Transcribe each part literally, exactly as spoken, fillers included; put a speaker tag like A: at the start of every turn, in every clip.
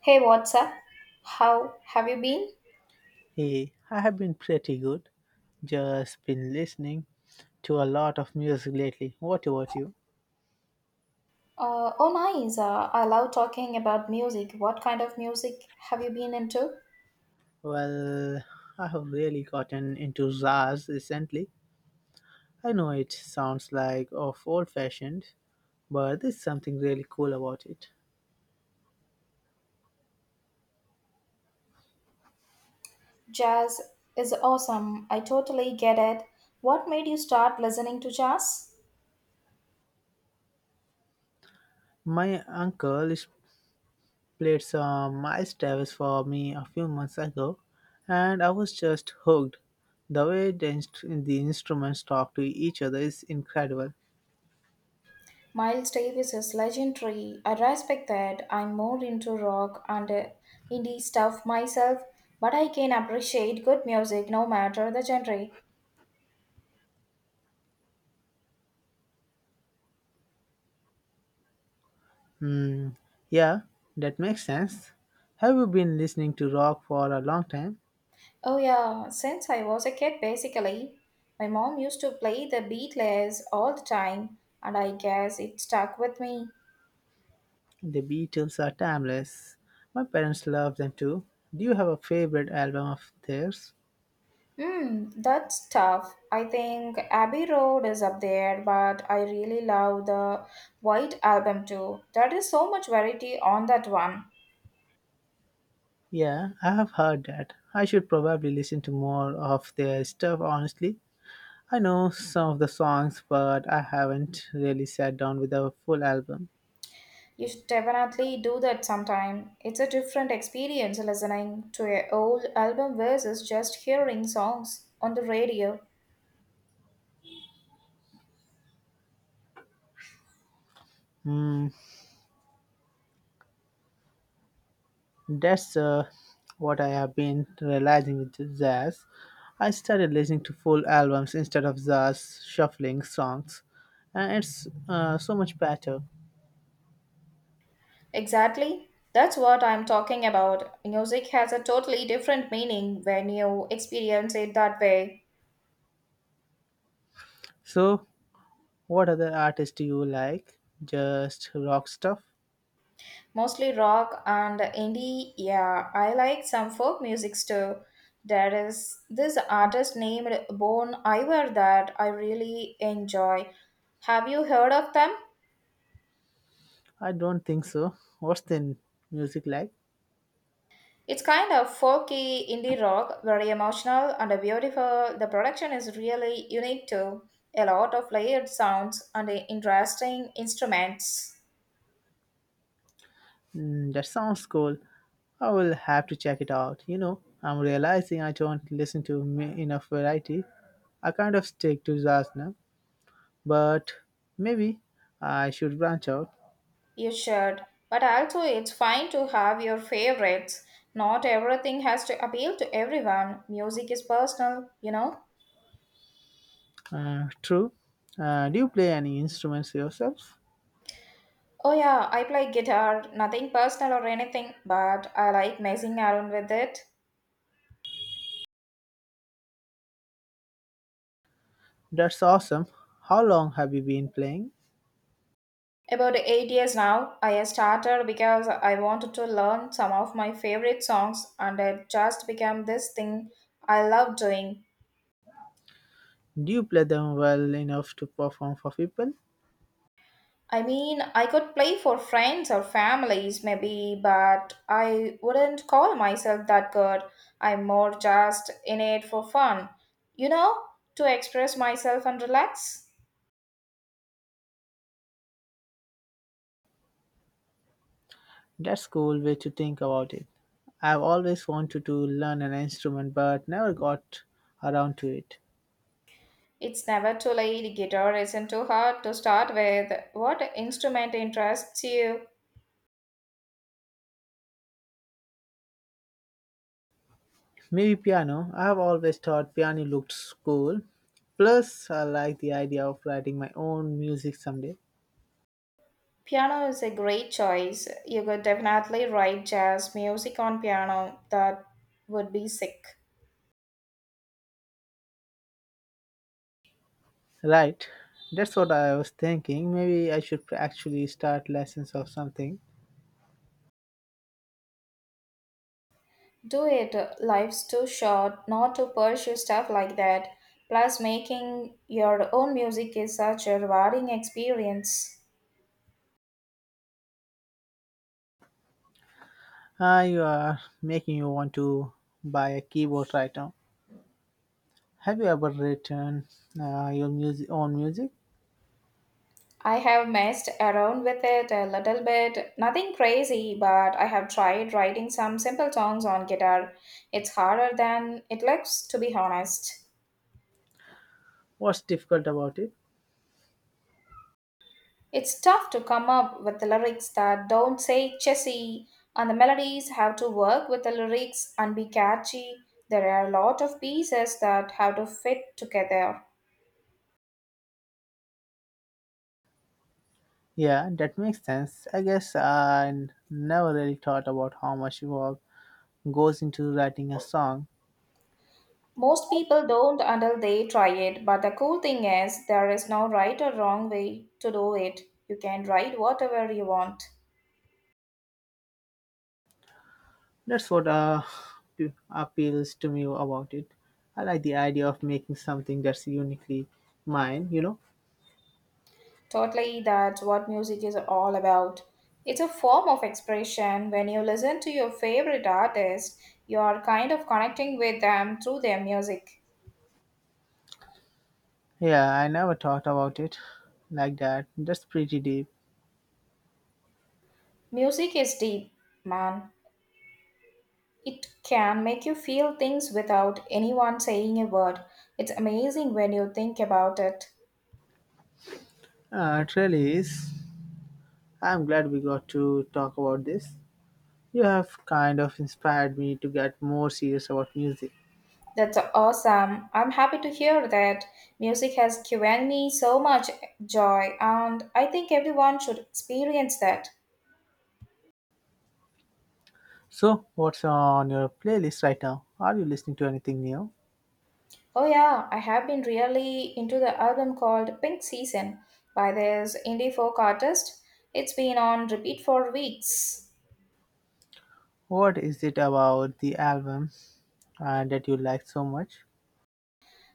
A: Hey, what's up? How have you been?
B: Hey, I have been pretty good. Just been listening to a lot of music lately. What about you?
A: Uh, oh, nice. Uh, I love talking about music. What kind of music have you been into?
B: Well, I have really gotten into jazz recently. I know it sounds like of old fashioned, but there's something really cool about it.
A: Jazz is awesome. I totally get it. What made you start listening to jazz?
B: My uncle is played some Miles Davis for me a few months ago, and I was just hooked. The way the, inst- the instruments talk to each other is incredible.
A: Miles Davis is legendary. I respect that. I'm more into rock and uh, indie stuff myself, but I can appreciate good music no matter the genre.
B: Hmm, yeah, that makes sense. Have you been listening to rock for a long time?
A: Oh, yeah, since I was a kid, basically. My mom used to play the Beatles all the time, and I guess it stuck with me.
B: The Beatles are timeless. My parents love them too. Do you have a favorite album of theirs?
A: Hmm, that's tough. I think Abbey Road is up there, but I really love the White Album too. There is so much variety on that one.
B: Yeah, I have heard that. I should probably listen to more of their stuff, honestly. I know some of the songs, but I haven't really sat down with a full album.
A: You should definitely do that sometime. It's a different experience listening to an old album versus just hearing songs on the radio.
B: Hmm. That's uh, what I have been realizing with jazz. I started listening to full albums instead of just shuffling songs, and it's uh, so much better.
A: Exactly. That's what I'm talking about. Music has a totally different meaning when you experience it that way.
B: So, what other artists do you like? Just rock stuff?
A: Mostly rock and indie. Yeah, I like some folk music too. There is this artist named Bon Iver that I really enjoy. Have you heard of them?
B: I don't think so. What's the music like?
A: It's kind of folky indie rock, very emotional and beautiful. The production is really unique too. A lot of layered sounds and interesting instruments.
B: Mm, that sounds cool. I will have to check it out. You know, I'm realizing I don't listen to me enough variety. I kind of stick to jazz now, but maybe I should branch out.
A: You should, but also it's fine to have your favorites. Not everything has to appeal to everyone. Music is personal, you know.
B: Uh, true. Uh, do you play any instruments yourself?
A: Oh, yeah, I play guitar, nothing personal or anything, but I like messing around with it.
B: That's awesome. How long have you been playing?
A: About eight years now, I started because I wanted to learn some of my favorite songs, and it just became this thing I love doing.
B: Do you play them well enough to perform for people?
A: I mean, I could play for friends or families maybe, but I wouldn't call myself that good. I'm more just in it for fun, you know, to express myself and relax.
B: That's cool way to think about it. I've always wanted to learn an instrument but never got around to it.
A: It's never too late. Guitar isn't too hard to start with. What instrument interests you?
B: Maybe piano. I've always thought piano looked cool. Plus, I like the idea of writing my own music someday.
A: Piano is a great choice. You could definitely write jazz music on piano. That would be sick.
B: Right. That's what I was thinking. Maybe I should actually start lessons or something.
A: Do it. Life's too short not to pursue stuff like that. Plus, making your own music is such a rewarding experience.
B: Ah, you are making you want to buy a keyboard right now. Have you ever written uh, your music own music?
A: I have messed around with it a little bit. Nothing crazy, but I have tried writing some simple songs on guitar. It's harder than it looks, to be honest.
B: What's difficult about it?
A: It's tough to come up with the lyrics that don't say chessy, and the melodies have to work with the lyrics and be catchy. There are a lot of pieces that have to fit together.
B: Yeah, that makes sense. I guess I never really thought about how much work goes into writing a song.
A: Most people don't until they try it, but the cool thing is, there is no right or wrong way to do it. You can write whatever you want.
B: That's what uh, p- appeals to me about it. I like the idea of making something that's uniquely mine, you know.
A: Totally, that's what music is all about. It's a form of expression. When you listen to your favorite artist, you are kind of connecting with them through their music.
B: Yeah, I never thought about it like that. That's pretty deep.
A: Music is deep, man. It can make you feel things without anyone saying a word. It's amazing when you think about it.
B: Uh, it really is. I'm glad we got to talk about this. You have kind of inspired me to get more serious about music.
A: That's awesome. I'm happy to hear that. Music has given me so much joy, and I think everyone should experience that.
B: So, what's on your playlist right now? Are you listening to anything new?
A: Oh yeah, I have been really into the album called Pink Season by this indie folk artist. It's been on repeat for weeks.
B: What is it about the album uh, that you like so much?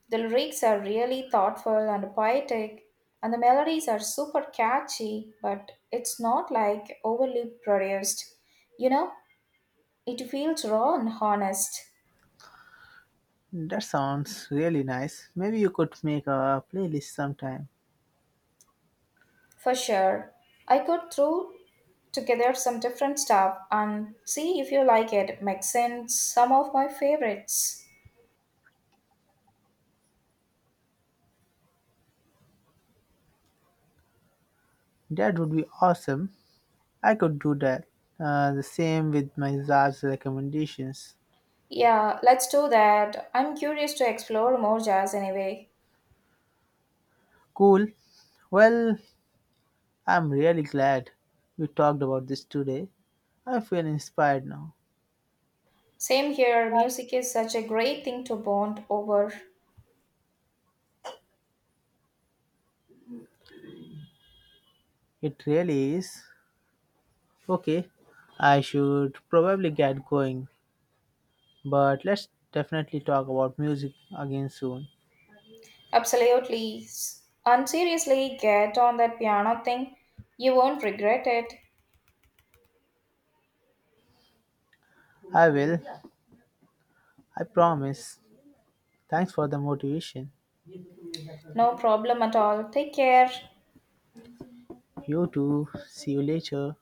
A: The lyrics are really thoughtful and poetic, and the melodies are super catchy, but it's not like overly produced. You know, it feels raw and honest,
B: That sounds really nice. Maybe you could make a playlist sometime.
A: for sure. I could throw together some different stuff and see if you like it. Makes sense some of my favorites.
B: That would be awesome. I could do that. Uh, the same with my Zars recommendations.
A: Yeah, let's do that. I'm curious to explore more jazz anyway.
B: Cool. Well, I'm really glad we talked about this today. I feel inspired now.
A: Same here, music is such a great thing to bond over.
B: It really is. Okay, I should probably get going, but let's definitely talk about music again soon.
A: Absolutely. S- And seriously, get on that piano thing. You won't regret it.
B: I will. I promise. Thanks for the motivation.
A: No problem at all. Take care.
B: You too. See you later.